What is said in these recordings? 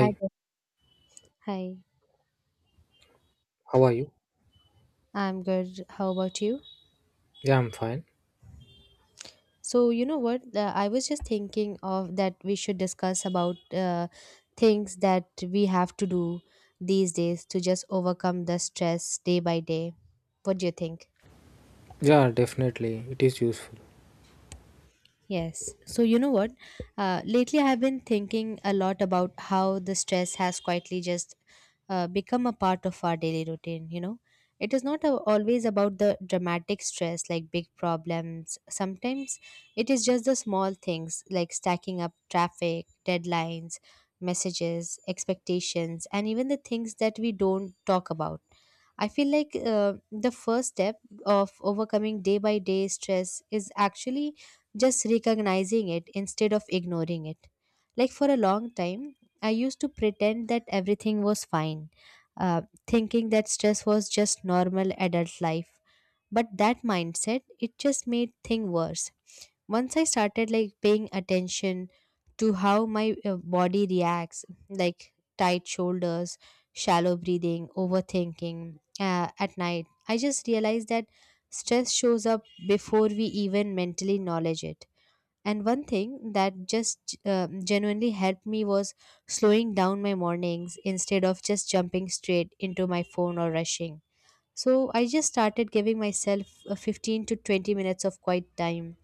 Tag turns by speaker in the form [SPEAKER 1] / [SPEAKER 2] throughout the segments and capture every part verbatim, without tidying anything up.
[SPEAKER 1] Hi there. Hi,
[SPEAKER 2] how are you?
[SPEAKER 1] I'm good. How about you?
[SPEAKER 2] Yeah, I'm fine.
[SPEAKER 1] So, you know what? Uh, I was just thinking of that we should discuss about uh, things that we have to do these days to just overcome the stress day by day. What do you think?
[SPEAKER 2] Yeah, definitely. It is useful.
[SPEAKER 1] Yes. So, you know what? Uh, lately, I have been thinking a lot about how the stress has quietly just uh, become a part of our daily routine. You know, It is not a, always about the dramatic stress like big problems. Sometimes it is just the small things like stacking up traffic, deadlines, messages, expectations, and even the things that we don't talk about. I feel like uh, the first step of overcoming day by day stress is actually just recognizing it instead of ignoring it. Like for a long time, I used to pretend that everything was fine, uh, thinking that stress was just normal adult life. But that mindset, it just made things worse. Once I started like paying attention to how my uh, body reacts, like tight shoulders, shallow breathing, overthinking uh, at night, I just realized that stress shows up before we even mentally acknowledge it, and one thing that just uh, genuinely helped me was slowing down my mornings instead of just jumping straight into my phone or rushing. So I just started giving myself uh, fifteen to twenty minutes of quiet time,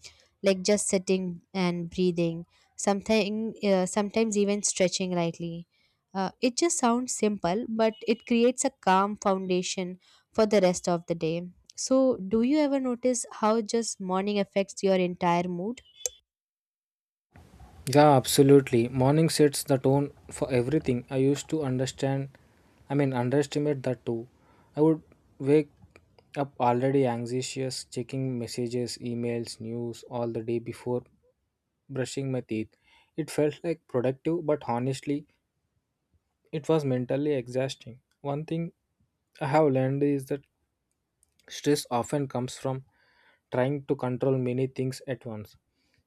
[SPEAKER 1] like just sitting and breathing, something, uh, sometimes even stretching lightly. Uh, it just sounds simple, but it creates a calm foundation for the rest of the day. So, do you ever notice how just morning affects your entire mood?
[SPEAKER 2] Yeah, absolutely. Morning sets the tone for everything. I used to understand, I mean, underestimate that too. I would wake up already anxious, checking messages, emails, news all the day before brushing my teeth. It felt like productive, but honestly, it was mentally exhausting. One thing I have learned is that stress often comes from trying to control many things at once.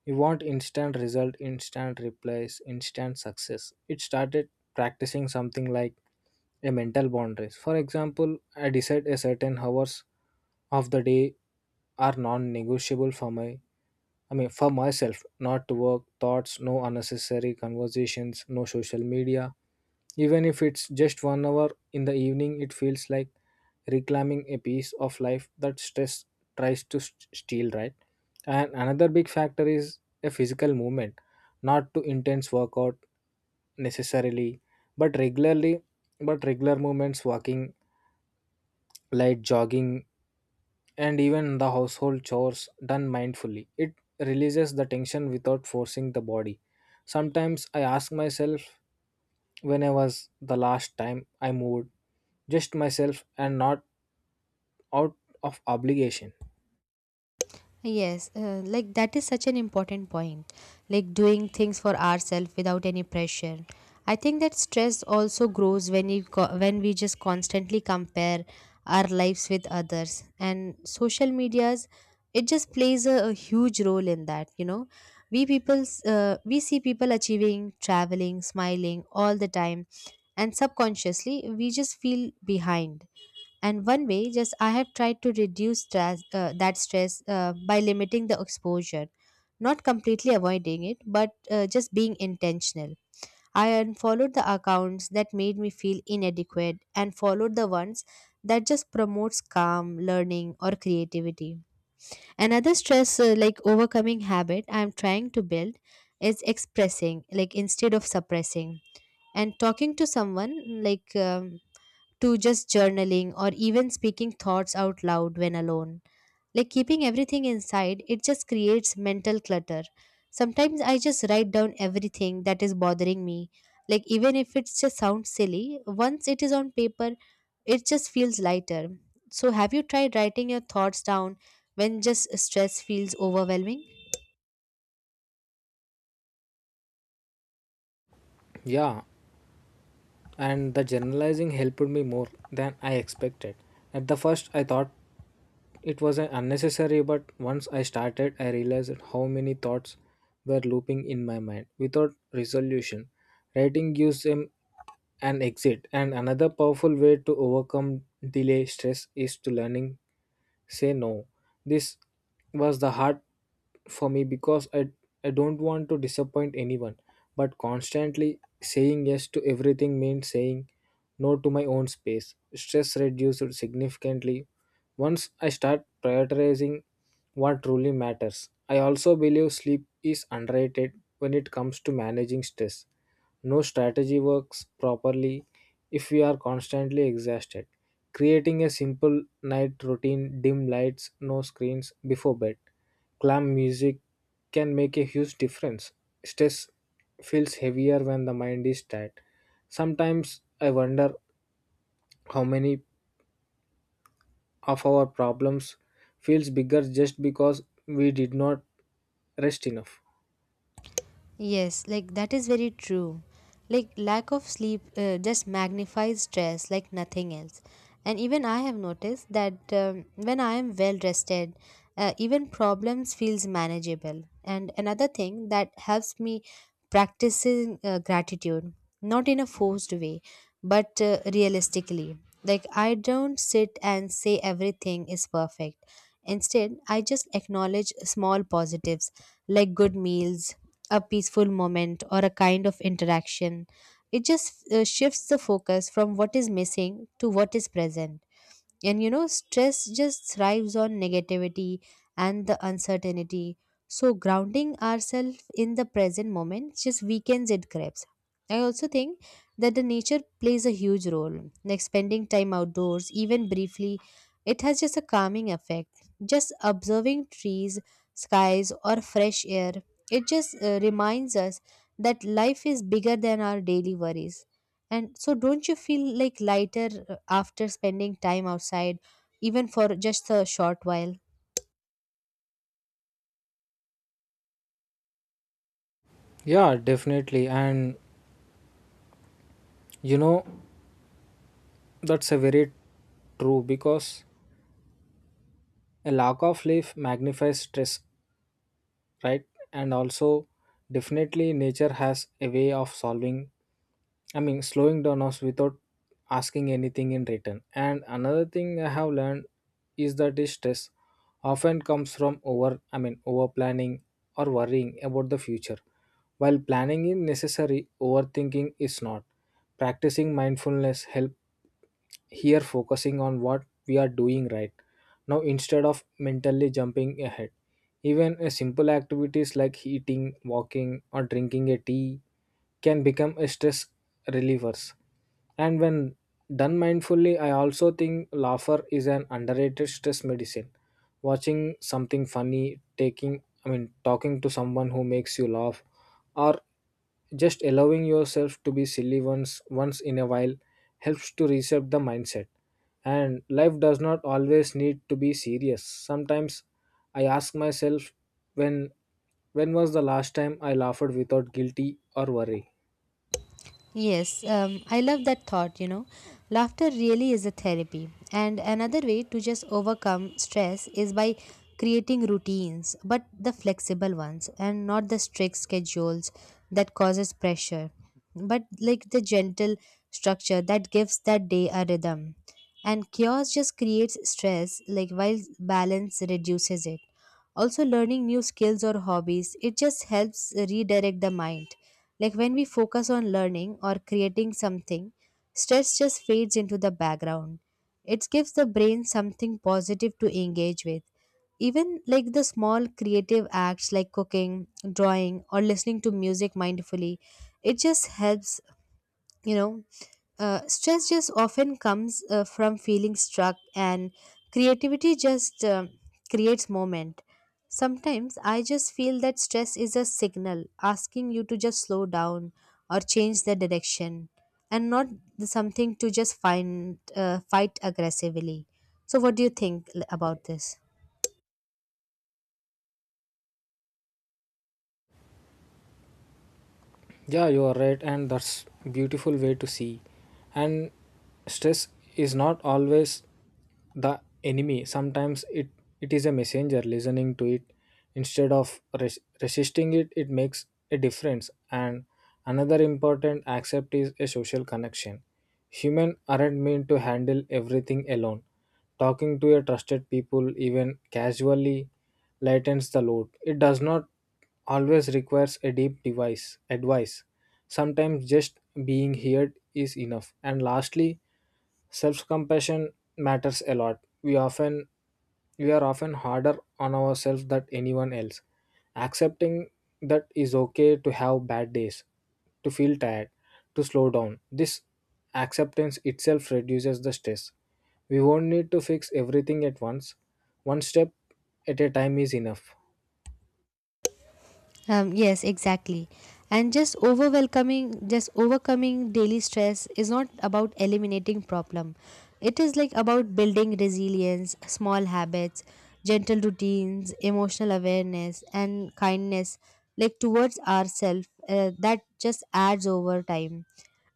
[SPEAKER 2] You want instant result, instant replies, instant success. It started practicing something like a mental boundaries. For example, I decide a certain hours of the day are non-negotiable for me, I mean, for myself, not to work, thoughts, no unnecessary conversations, no social media. Even if it's just one hour in the evening, it feels like reclaiming a piece of life that stress tries to s- steal, right? And another big factor is a physical movement, not to intense workout necessarily, but regularly, but regular movements, walking, light jogging, and even the household chores done mindfully. It releases the tension without forcing the body. Sometimes I ask myself when I was the last time I moved, just myself and not out of obligation.
[SPEAKER 1] Yes, uh, like that is such an important point. Like doing things for ourselves without any pressure. I think that stress also grows when you co- when we just constantly compare our lives with others, and social medias, it just plays a, a huge role in that, you know. We people s- uh, we see people achieving, traveling, smiling all the time, and subconsciously we just feel behind. And one way, just I have tried to reduce stress, uh, that stress uh, by limiting the exposure, not completely avoiding it, but uh, just being intentional. I unfollowed the accounts that made me feel inadequate and followed the ones that just promotes calm, learning, or creativity. Another stress uh, like overcoming habit I'm trying to build is expressing, like instead of suppressing, and talking to someone like. Um, to just journaling or even speaking thoughts out loud when alone. Like keeping everything inside, it just creates mental clutter. Sometimes I just write down everything that is bothering me. Like even if it just sounds silly, once it is on paper, it just feels lighter. So have you tried writing your thoughts down when just stress feels overwhelming?
[SPEAKER 2] Yeah, and the generalizing helped me more than I expected. At the first, I thought it was an unnecessary, but once I started, I realized how many thoughts were looping in my mind without resolution. Writing gives them an exit, and another powerful way to overcome delay stress is to learning say no. This was the hard for me because I, I don't want to disappoint anyone. But constantly saying yes to everything means saying no to my own space. Stress reduced significantly once I start prioritizing what truly matters. I also believe sleep is underrated when it comes to managing stress. No strategy works properly if we are constantly exhausted. Creating a simple night routine, dim lights, no screens before bed, calm music can make a huge difference. Stress feels heavier when the mind is tired. Sometimes I wonder how many of our problems feels bigger just because we did not rest enough.
[SPEAKER 1] Yes, like that is very true. Like lack of sleep uh, just magnifies stress like nothing else. And even I have noticed that um, when I am well rested, uh, even problems feels manageable. And another thing that helps me practicing uh, gratitude, not in a forced way, but uh, realistically. Like I don't sit and say everything is perfect. Instead, I just acknowledge small positives like good meals, a peaceful moment, or a kind of interaction. It just uh, shifts the focus from what is missing to what is present. And you know, stress just thrives on negativity and the uncertainty. So, grounding ourselves in the present moment just weakens its grasp. I also think that the nature plays a huge role. Like spending time outdoors, even briefly, it has just a calming effect. Just observing trees, skies, or fresh air, it just uh, reminds us that life is bigger than our daily worries. And so, don't you feel like lighter uh, after spending time outside, even for just a short while?
[SPEAKER 2] Yeah, definitely. And you know, that's a very true, because a lack of sleep magnifies stress, right? And also, definitely nature has a way of solving, i mean slowing down us without asking anything in return. And another thing I have learned is that the stress often comes from over, i mean over planning or worrying about the future. While planning is necessary, overthinking is not. Practicing mindfulness help here, focusing on what we are doing right now instead of mentally jumping ahead. Even a simple activities like eating, walking, or drinking a tea can become a stress relievers. And when done mindfully, I also think laughter is an underrated stress medicine. Watching something funny, taking I mean talking to someone who makes you laugh, or just allowing yourself to be silly once once in a while helps to reset the mindset. And life does not always need to be serious. Sometimes I ask myself when when was the last time I laughed without guilty or worry?
[SPEAKER 1] Yes, um, I love that thought, you know. Laughter really is a therapy. And another way to just overcome stress is by creating routines, but the flexible ones and not the strict schedules that causes pressure, but like the gentle structure that gives that day a rhythm. And chaos just creates stress, like while balance reduces it. Also, learning new skills or hobbies, it just helps redirect the mind. Like when we focus on learning or creating something, stress just fades into the background. It gives the brain something positive to engage with. Even like the small creative acts like cooking, drawing, or listening to music mindfully, it just helps you know uh, Stress just often comes uh, from feeling stuck, and creativity just um creates moment. Sometimes I just feel that stress is a signal asking you to just slow down or change the direction, and not the- something to just find uh, fight aggressively. So what do you think l- about this?
[SPEAKER 2] Yeah, you are right, and that's beautiful way to see. And stress is not always the enemy. Sometimes it it is a messenger. Listening to it instead of res- resisting it, it makes a difference. And another important accept is a social connection. Human aren't meant to handle everything alone. Talking to a trusted people, even casually, lightens the load. It does not always requires a deep device advice. Sometimes just being heard is enough. And lastly, self-compassion matters a lot. We often we are often harder on ourselves than anyone else. Accepting that is okay to have bad days, to feel tired, to slow down. This acceptance itself reduces the stress. We won't need to fix everything at once. One step at a time is enough.
[SPEAKER 1] Um, yes, exactly. And just overwhelming, just overcoming daily stress is not about eliminating problem. It is like about building resilience, small habits, gentle routines, emotional awareness, and kindness, like towards ourselves. Uh, that just adds over time.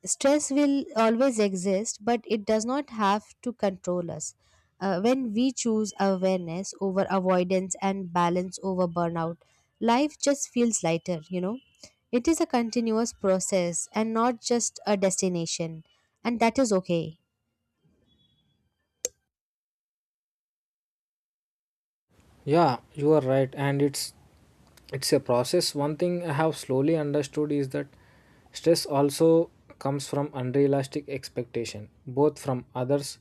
[SPEAKER 1] Stress will always exist, but it does not have to control us. Uh, when we choose awareness over avoidance and balance over burnout, life just feels lighter, you know. It is a continuous process and not just a destination, and that is okay.
[SPEAKER 2] Yeah, you are right, and it's it's a process. One thing I have slowly understood is that stress also comes from unrealistic expectation, both from others,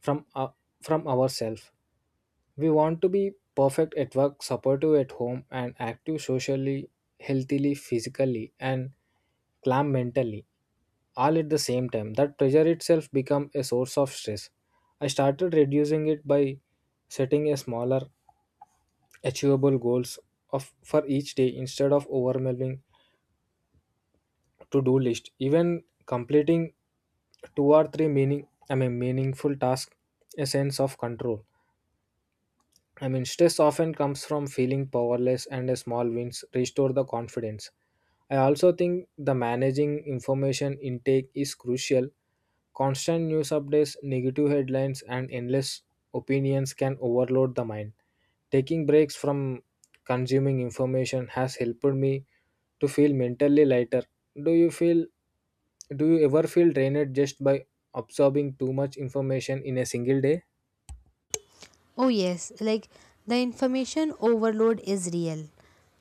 [SPEAKER 2] from uh, from ourselves. We want to be perfect at work, supportive at home and active socially, healthily, physically and calm mentally all at the same time. That pressure itself became a source of stress. I started reducing it by setting a smaller, achievable goals of for each day instead of overwhelming to-do list. Even completing two or three meaning I mean meaningful tasks, a sense of control. I mean stress often comes from feeling powerless and a small wins restore the confidence. I also think the managing information intake is crucial. Constant news updates, negative headlines, and endless opinions can overload the mind. Taking breaks from consuming information has helped me to feel mentally lighter. Do you feel do you ever feel drained just by absorbing too much information in a single day?
[SPEAKER 1] Oh, yes, like the information overload is real.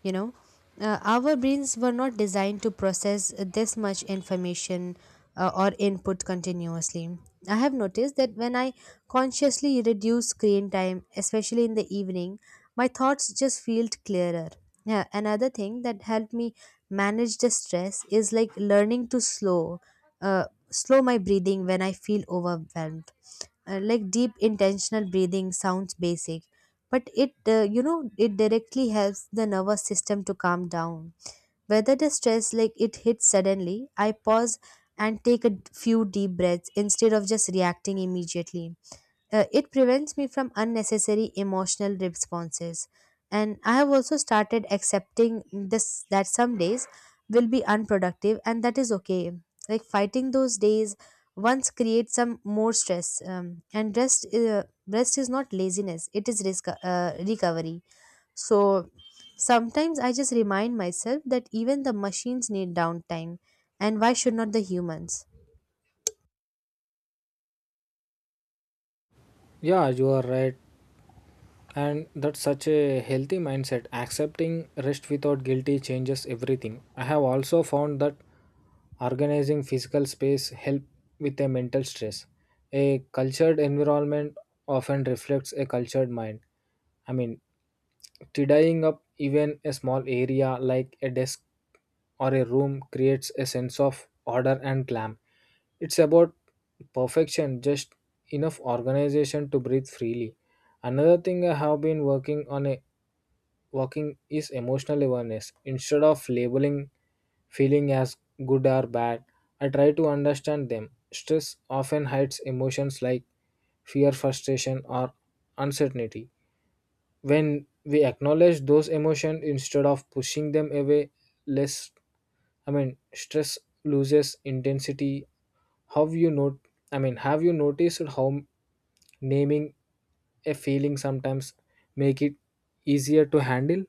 [SPEAKER 1] You know, uh, our brains were not designed to process this much information uh, or input continuously. I have noticed that when I consciously reduce screen time, especially in the evening, my thoughts just feel clearer. Yeah, another thing that helped me manage the stress is like learning to slow, uh, slow my breathing when I feel overwhelmed. Uh, like deep intentional breathing sounds basic, but it uh, you know it directly helps the nervous system to calm down. Whether the stress like it hits suddenly, I pause and take a few deep breaths instead of just reacting immediately. Uh, it prevents me from unnecessary emotional responses. And I have also started accepting this that some days will be unproductive, and that is okay. Like fighting those days once creates some more stress. Um, and rest, uh, rest is not laziness; it is resco- uh, recovery. So sometimes I just remind myself that even the machines need downtime, and why should not the humans?
[SPEAKER 2] Yeah, you are right. And that's such a healthy mindset. Accepting rest without guilty changes everything. I have also found that organizing physical space help with a mental stress. A cultured environment often reflects a cultured mind. I mean, tidying up even a small area like a desk or a room creates a sense of order and calm. It's about perfection, just enough organization to breathe freely. Another thing I have been working on, a working is emotional awareness. Instead of labeling feeling as good or bad. I try to understand them. Stress often hides emotions like fear, frustration, or uncertainty. When we acknowledge those emotions instead of pushing them away, less I mean stress loses intensity. How you note I mean, have you noticed how naming a feeling sometimes make it easier to handle?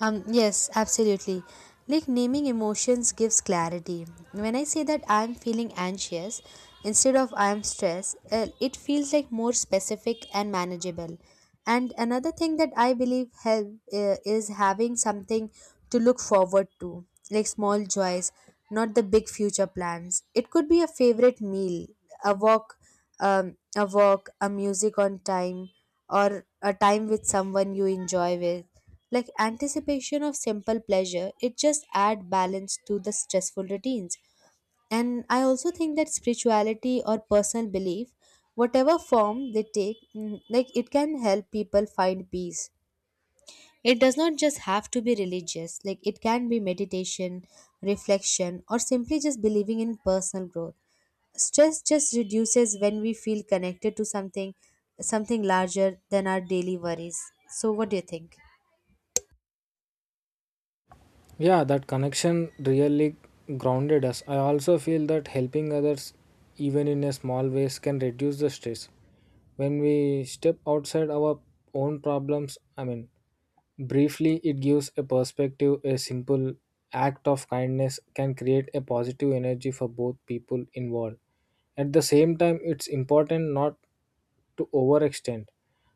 [SPEAKER 1] Um, yes, absolutely. Like naming emotions gives clarity. When I say that I'm feeling anxious instead of I'm stressed, uh, it feels like more specific and manageable. And another thing that I believe help uh, is having something to look forward to, like small joys, not the big future plans. It could be a favorite meal, a walk um, a walk, a music on time, or a time with someone you enjoy with. Like anticipation of simple pleasure, it just add balance to the stressful routines. And I also think that spirituality or personal belief, whatever form they take, mm, like it can help people find peace. It does not just have to be religious, like it can be meditation, reflection, or simply just believing in personal growth. Stress just reduces when we feel connected to something something larger than our daily worries. So what do you think?
[SPEAKER 2] Yeah, that connection really grounded us. I also feel that helping others, even in a small ways, can reduce the stress. When we step outside our own problems, I mean, briefly, it gives a perspective. A simple act of kindness can create a positive energy for both people involved. At the same time, it's important not to overextend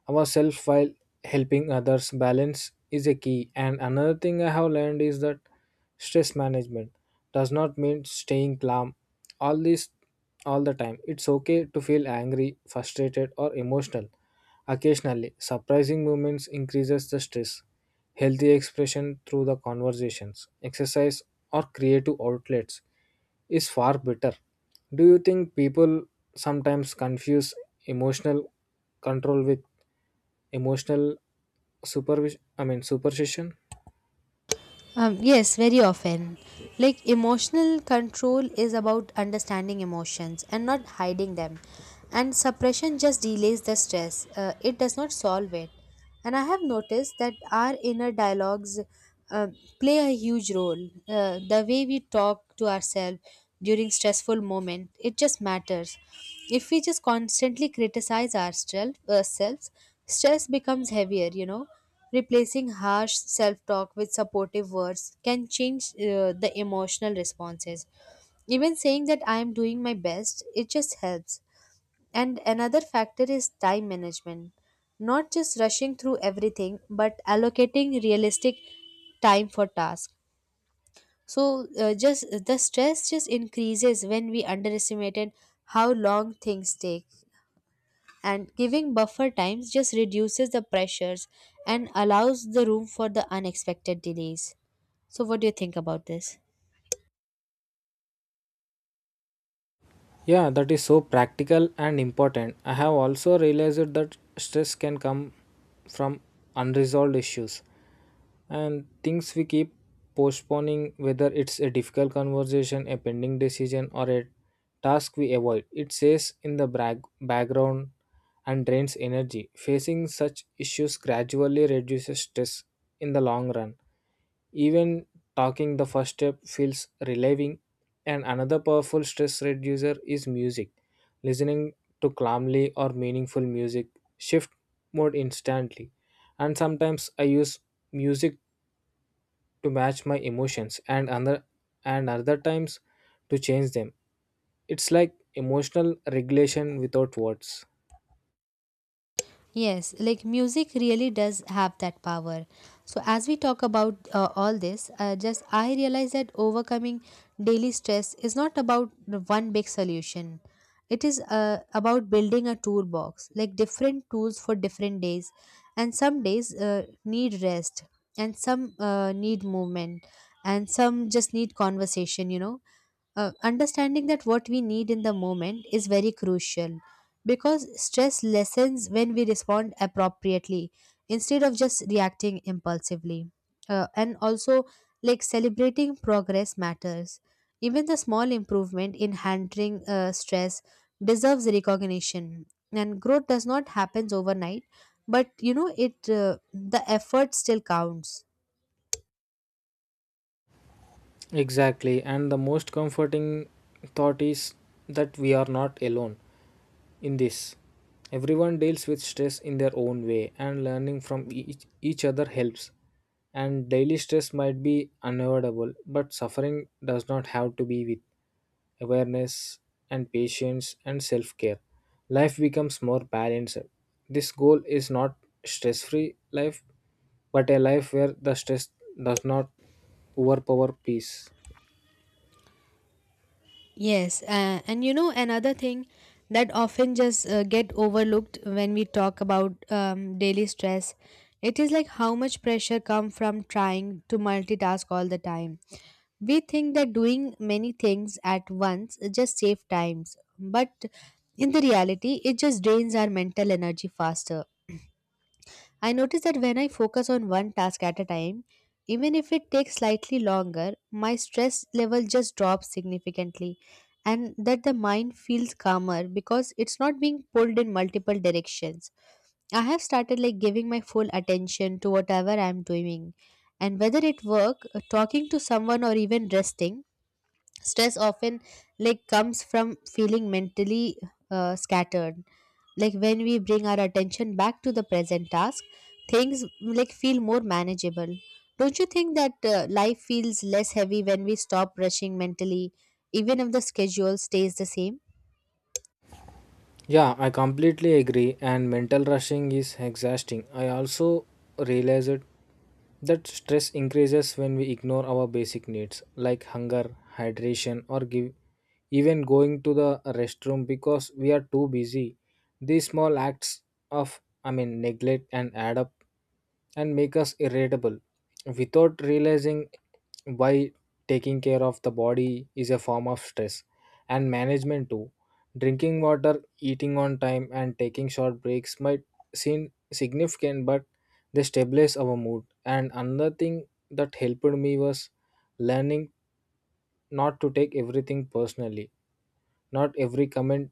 [SPEAKER 2] ourselves while helping others. Balance is a key. And another thing I have learned is that stress management does not mean staying calm all this all the time. It's okay to feel angry, frustrated, or emotional. Occasionally, surprising movements increases the stress. Healthy expression through the conversations, exercise, or creative outlets is far better. Do you think people sometimes confuse emotional control with emotional supervision? I mean, superstition?
[SPEAKER 1] Um, yes, very often. Like emotional control is about understanding emotions and not hiding them. And suppression just delays the stress, uh, it does not solve it. And I have noticed that our inner dialogues uh, play a huge role. Uh, the way we talk to ourselves during stressful moment, it just matters. If we just constantly criticize ourselves, ourselves stress becomes heavier, you know. Replacing harsh self talk with supportive words can change uh, the emotional responses. Even saying that I am doing my best, it just helps. And another factor is time management. Not just rushing through everything, but allocating realistic time for tasks. So uh, just the stress just increases when we underestimated how long things take, and giving buffer times just reduces the pressures and allows the room for the unexpected delays. So, what do you think about this?
[SPEAKER 2] Yeah, that is so practical and important. I have also realized that stress can come from unresolved issues and things we keep postponing, whether it's a difficult conversation, a pending decision, or a task we avoid. It stays in the brag- background and drains energy. Facing such issues gradually reduces stress in the long run. Even talking the first step feels relieving, and another powerful stress reducer is music. Listening to calmly or meaningful music shift mode instantly. And sometimes I use music to match my emotions, and other and other times to change them. It's like emotional regulation without words.
[SPEAKER 1] Yes, like music really does have that power. So, as we talk about uh, all this, uh, just I realize that overcoming daily stress is not about the one big solution. It is uh, about building a toolbox, like different tools for different days. And some days uh, need rest, and some uh, need movement, and some just need conversation, you know. Uh, understanding that what we need in the moment is very crucial, because stress lessens when we respond appropriately instead of just reacting impulsively. Uh, and also, like celebrating progress matters. Even the small improvement in handling uh, stress deserves recognition. And growth does not happen overnight, but you know it. Uh, the effort still counts.
[SPEAKER 2] Exactly, and the most comforting thought is that we are not alone in this. Everyone deals with stress in their own way, and learning from each, each other helps. And daily stress might be unavoidable, but suffering does not have to be with awareness and patience and self care. Life becomes more balanced. This goal is not stress free life, but a life where the stress does not overpower peace.
[SPEAKER 1] Yes, uh, and you know another thing that often just uh, get overlooked when we talk about um, daily stress, it is like how much pressure come from trying to multitask all the time. We think that doing many things at once just save times, but in the reality, it just drains our mental energy faster. I notice that when I focus on one task at a time, even if it takes slightly longer, my stress level just drops significantly and that the mind feels calmer because it's not being pulled in multiple directions. I have started like giving my full attention to whatever I'm doing and whether it work, uh, talking to someone or even resting, stress often like comes from feeling mentally uh, scattered, like when we bring our attention back to the present task, things like feel more manageable. Don't you think that uh, life feels less heavy when we stop rushing mentally, even if the schedule stays the same?
[SPEAKER 2] Yeah, I completely agree, and mental rushing is exhausting. I also realized that stress increases when we ignore our basic needs like hunger, hydration, or give, even going to the restroom because we are too busy. These small acts of, I mean, neglect and add up and make us irritable without realizing why. Taking care of the body is a form of stress and management too. Drinking water, eating on time and taking short breaks might seem significant, but they stabilize our mood. And another thing that helped me was learning not to take everything personally. Not every comment,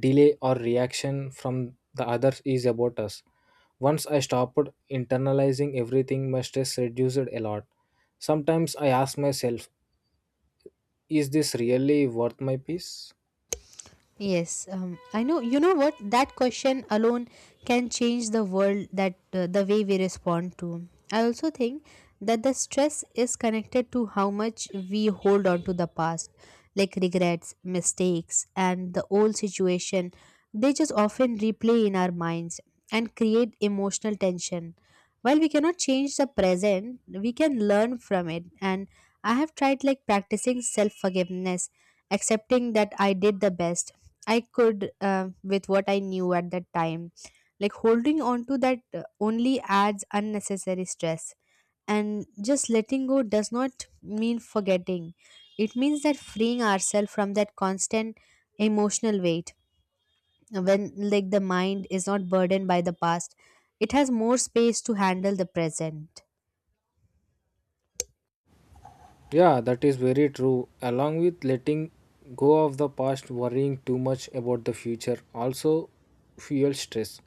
[SPEAKER 2] delay, or reaction from the others is about us. Once I stopped internalizing everything, my stress reduced a lot. Sometimes I ask myself, is this really worth my peace?
[SPEAKER 1] Yes, um, I know. You know what? That question alone can change the world that uh, the way we respond to. I also think that the stress is connected to how much we hold on to the past, like regrets, mistakes, and the old situation. They just often replay in our minds and create emotional tension. While we cannot change the present, we can learn from it, and I have tried like practicing self forgiveness, accepting that I did the best I could uh, with what I knew at that time. Like holding on to that uh, only adds unnecessary stress, and just letting go does not mean forgetting. It means that freeing ourselves from that constant emotional weight. When like the mind is not burdened by the past, it has more space to handle the present.
[SPEAKER 2] Yeah, that is very true. Along with letting go of the past, worrying too much about the future also fuels stress.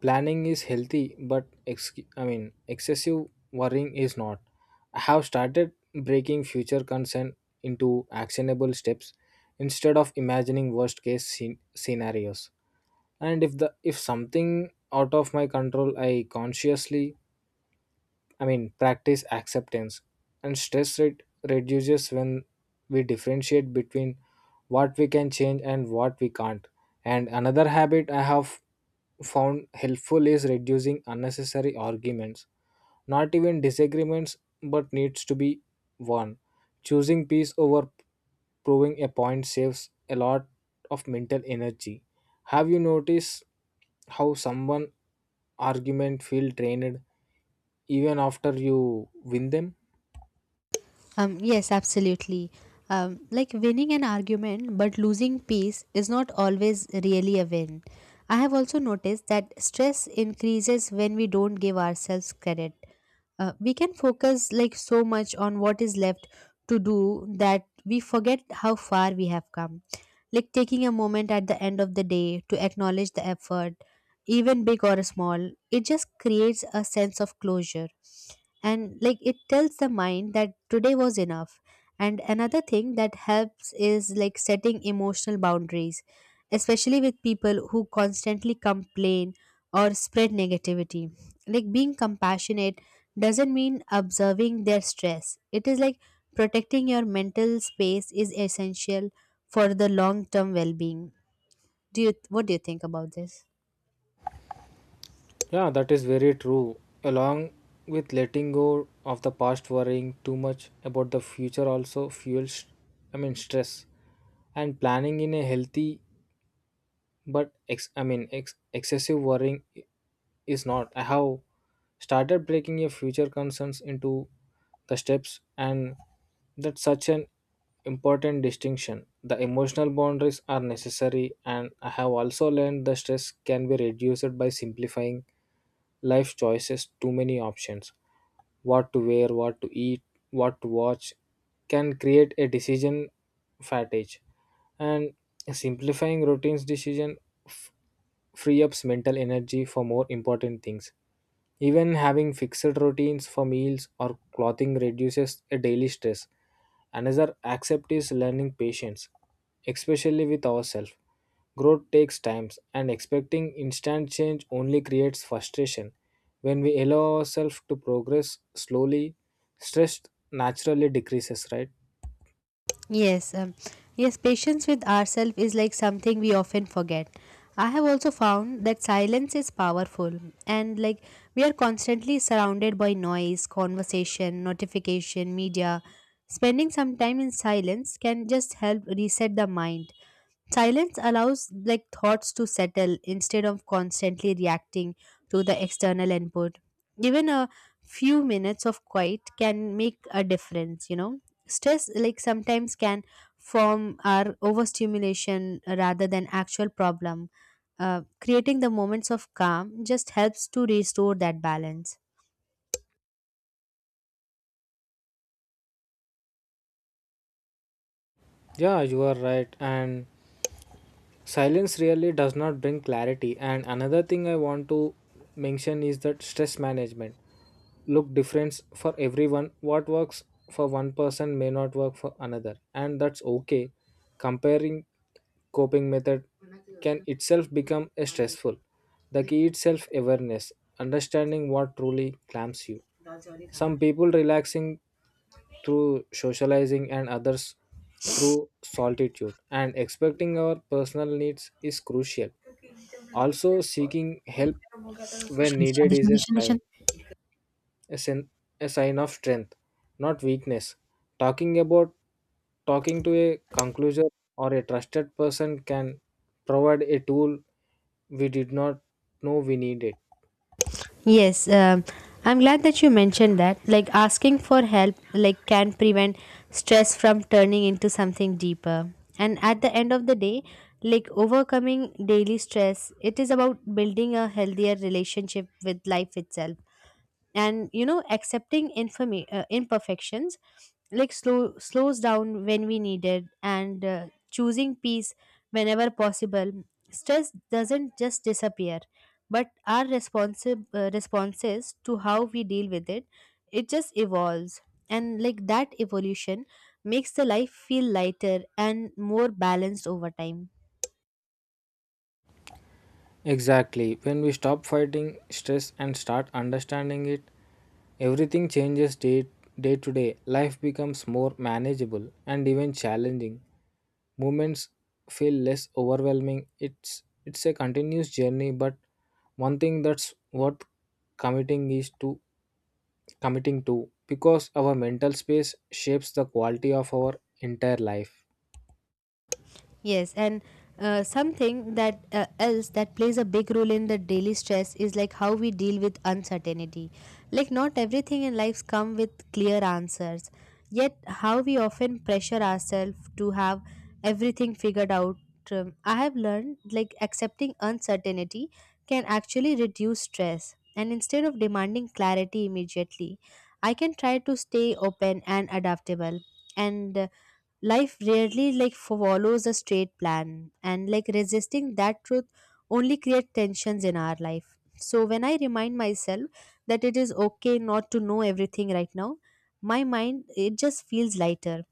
[SPEAKER 2] Planning is healthy, but ex- I mean, excessive worrying is not. I have started breaking future concern into actionable steps instead of imagining worst case scen- scenarios. And if the if something out of my control, I consciously I mean, practice acceptance, and stress rate reduces when we differentiate between what we can change and what we can't. And another habit I have found helpful is reducing unnecessary arguments, not even disagreements, but needs to be won. Choosing peace over proving a point saves a lot of mental energy. Have you noticed how someone argument feel drained even after you win them?
[SPEAKER 1] Um, yes, absolutely. Um, like winning an argument but losing peace is not always really a win. I have also noticed that stress increases when we don't give ourselves credit. Uh, we can focus like so much on what is left to do that we forget how far we have come. Like taking a moment at the end of the day to acknowledge the effort, even big or small, it just creates a sense of closure, and like it tells the mind that today was enough. And another thing that helps is like setting emotional boundaries, especially with people who constantly complain or spread negativity. Like being compassionate doesn't mean observing their stress. It is like protecting your mental space is essential for the long term well being. Do you, what do you think about this?
[SPEAKER 2] Yeah, that is very true. Along with letting go of the past, worrying too much about the future also fuels, I mean, stress. And planning in a healthy but ex, I mean, ex, excessive worrying is not. I have started breaking your future concerns into the steps, and that's such an important distinction. The emotional boundaries are necessary, and I have also learned the stress can be reduced by simplifying life choices. Too many options, what to wear, what to eat, what to watch, can create a decision fatigue, and simplifying routines decision free ups mental energy for more important things. Even having fixed routines for meals or clothing reduces a daily stress. Another accept is learning patience, especially with ourselves. Growth takes time, and expecting instant change only creates frustration. When we allow ourselves to progress slowly, stress naturally decreases, right?
[SPEAKER 1] Yes, um, yes, patience with ourselves is like something we often forget. I have also found that silence is powerful, and like we are constantly surrounded by noise, conversation, notification, media. Spending some time in silence can just help reset the mind. Silence allows like thoughts to settle instead of constantly reacting to the external input. Even a few minutes of quiet can make a difference, you know. Stress like sometimes can form our overstimulation rather than actual problem. Uh, creating the moments of calm just helps to restore that balance.
[SPEAKER 2] Yeah, you are right. And silence really does not bring clarity. And another thing I want to mention is that stress management look different for everyone. What works for one person may not work for another, and that's okay. Comparing coping method can itself become a stressful. The key is self awareness, understanding what truly clamps you. Some people relaxing through socializing and others through solitude, and expecting our personal needs is crucial. Also, seeking help when needed is a sign, a, sen- a sign of strength, not weakness. Talking about Talking to a conclusion or a trusted person can provide a tool we did not know we needed.
[SPEAKER 1] Yes, um, I'm glad that you mentioned that. Like asking for help like can prevent stress from turning into something deeper. And at the end of the day, like overcoming daily stress, it is about building a healthier relationship with life itself, and you know accepting informa- uh, imperfections, like slow slows down when we need it, and uh, choosing peace whenever possible. Stress doesn't just disappear, but our responsi- uh, responses to how we deal with it, it just evolves, and like that evolution makes the life feel lighter and more balanced over time.
[SPEAKER 2] Exactly. When we stop fighting stress and start understanding it, everything changes day, day to day. Life becomes more manageable and even challenging. Movements feel less overwhelming. It's it's a continuous journey, but one thing that's worth committing is to committing to, because our mental space shapes the quality of our entire life.
[SPEAKER 1] Yes, and uh, something that uh, else that plays a big role in the daily stress is like how we deal with uncertainty. Like not everything in life come with clear answers. Yet how we often pressure ourselves to have everything figured out. Um, I have learned like accepting uncertainty can actually reduce stress. And instead of demanding clarity immediately, I can try to stay open and adaptable. And uh, life rarely like follows a straight plan, and like resisting that truth only create tensions in our life. So when I remind myself that it is okay not to know everything right now, my mind it just feels lighter.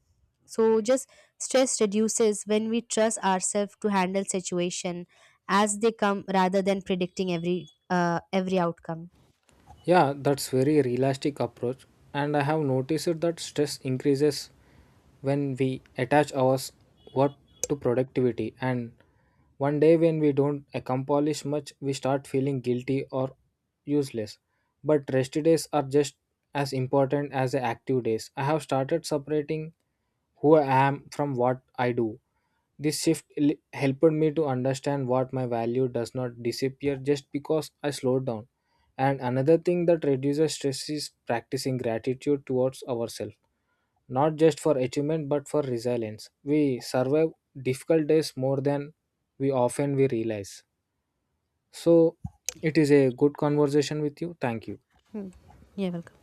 [SPEAKER 1] So just stress reduces when we trust ourselves to handle situation as they come rather than predicting every uh, every outcome.
[SPEAKER 2] Yeah, that's very realistic approach, and I have noticed that stress increases when we attach our s- work to productivity, and one day when we don't accomplish much we start feeling guilty or useless. But rest days are just as important as the active days. I have started separating who I am from what I do. This shift l- helped me to understand what my value does not disappear just because I slowed down. And another thing that reduces stress is practicing gratitude towards ourselves, not just for achievement but for resilience. We survive difficult days more than we often we realize. So it is a good conversation with you. Thank you.
[SPEAKER 1] Hmm. Yeah, welcome.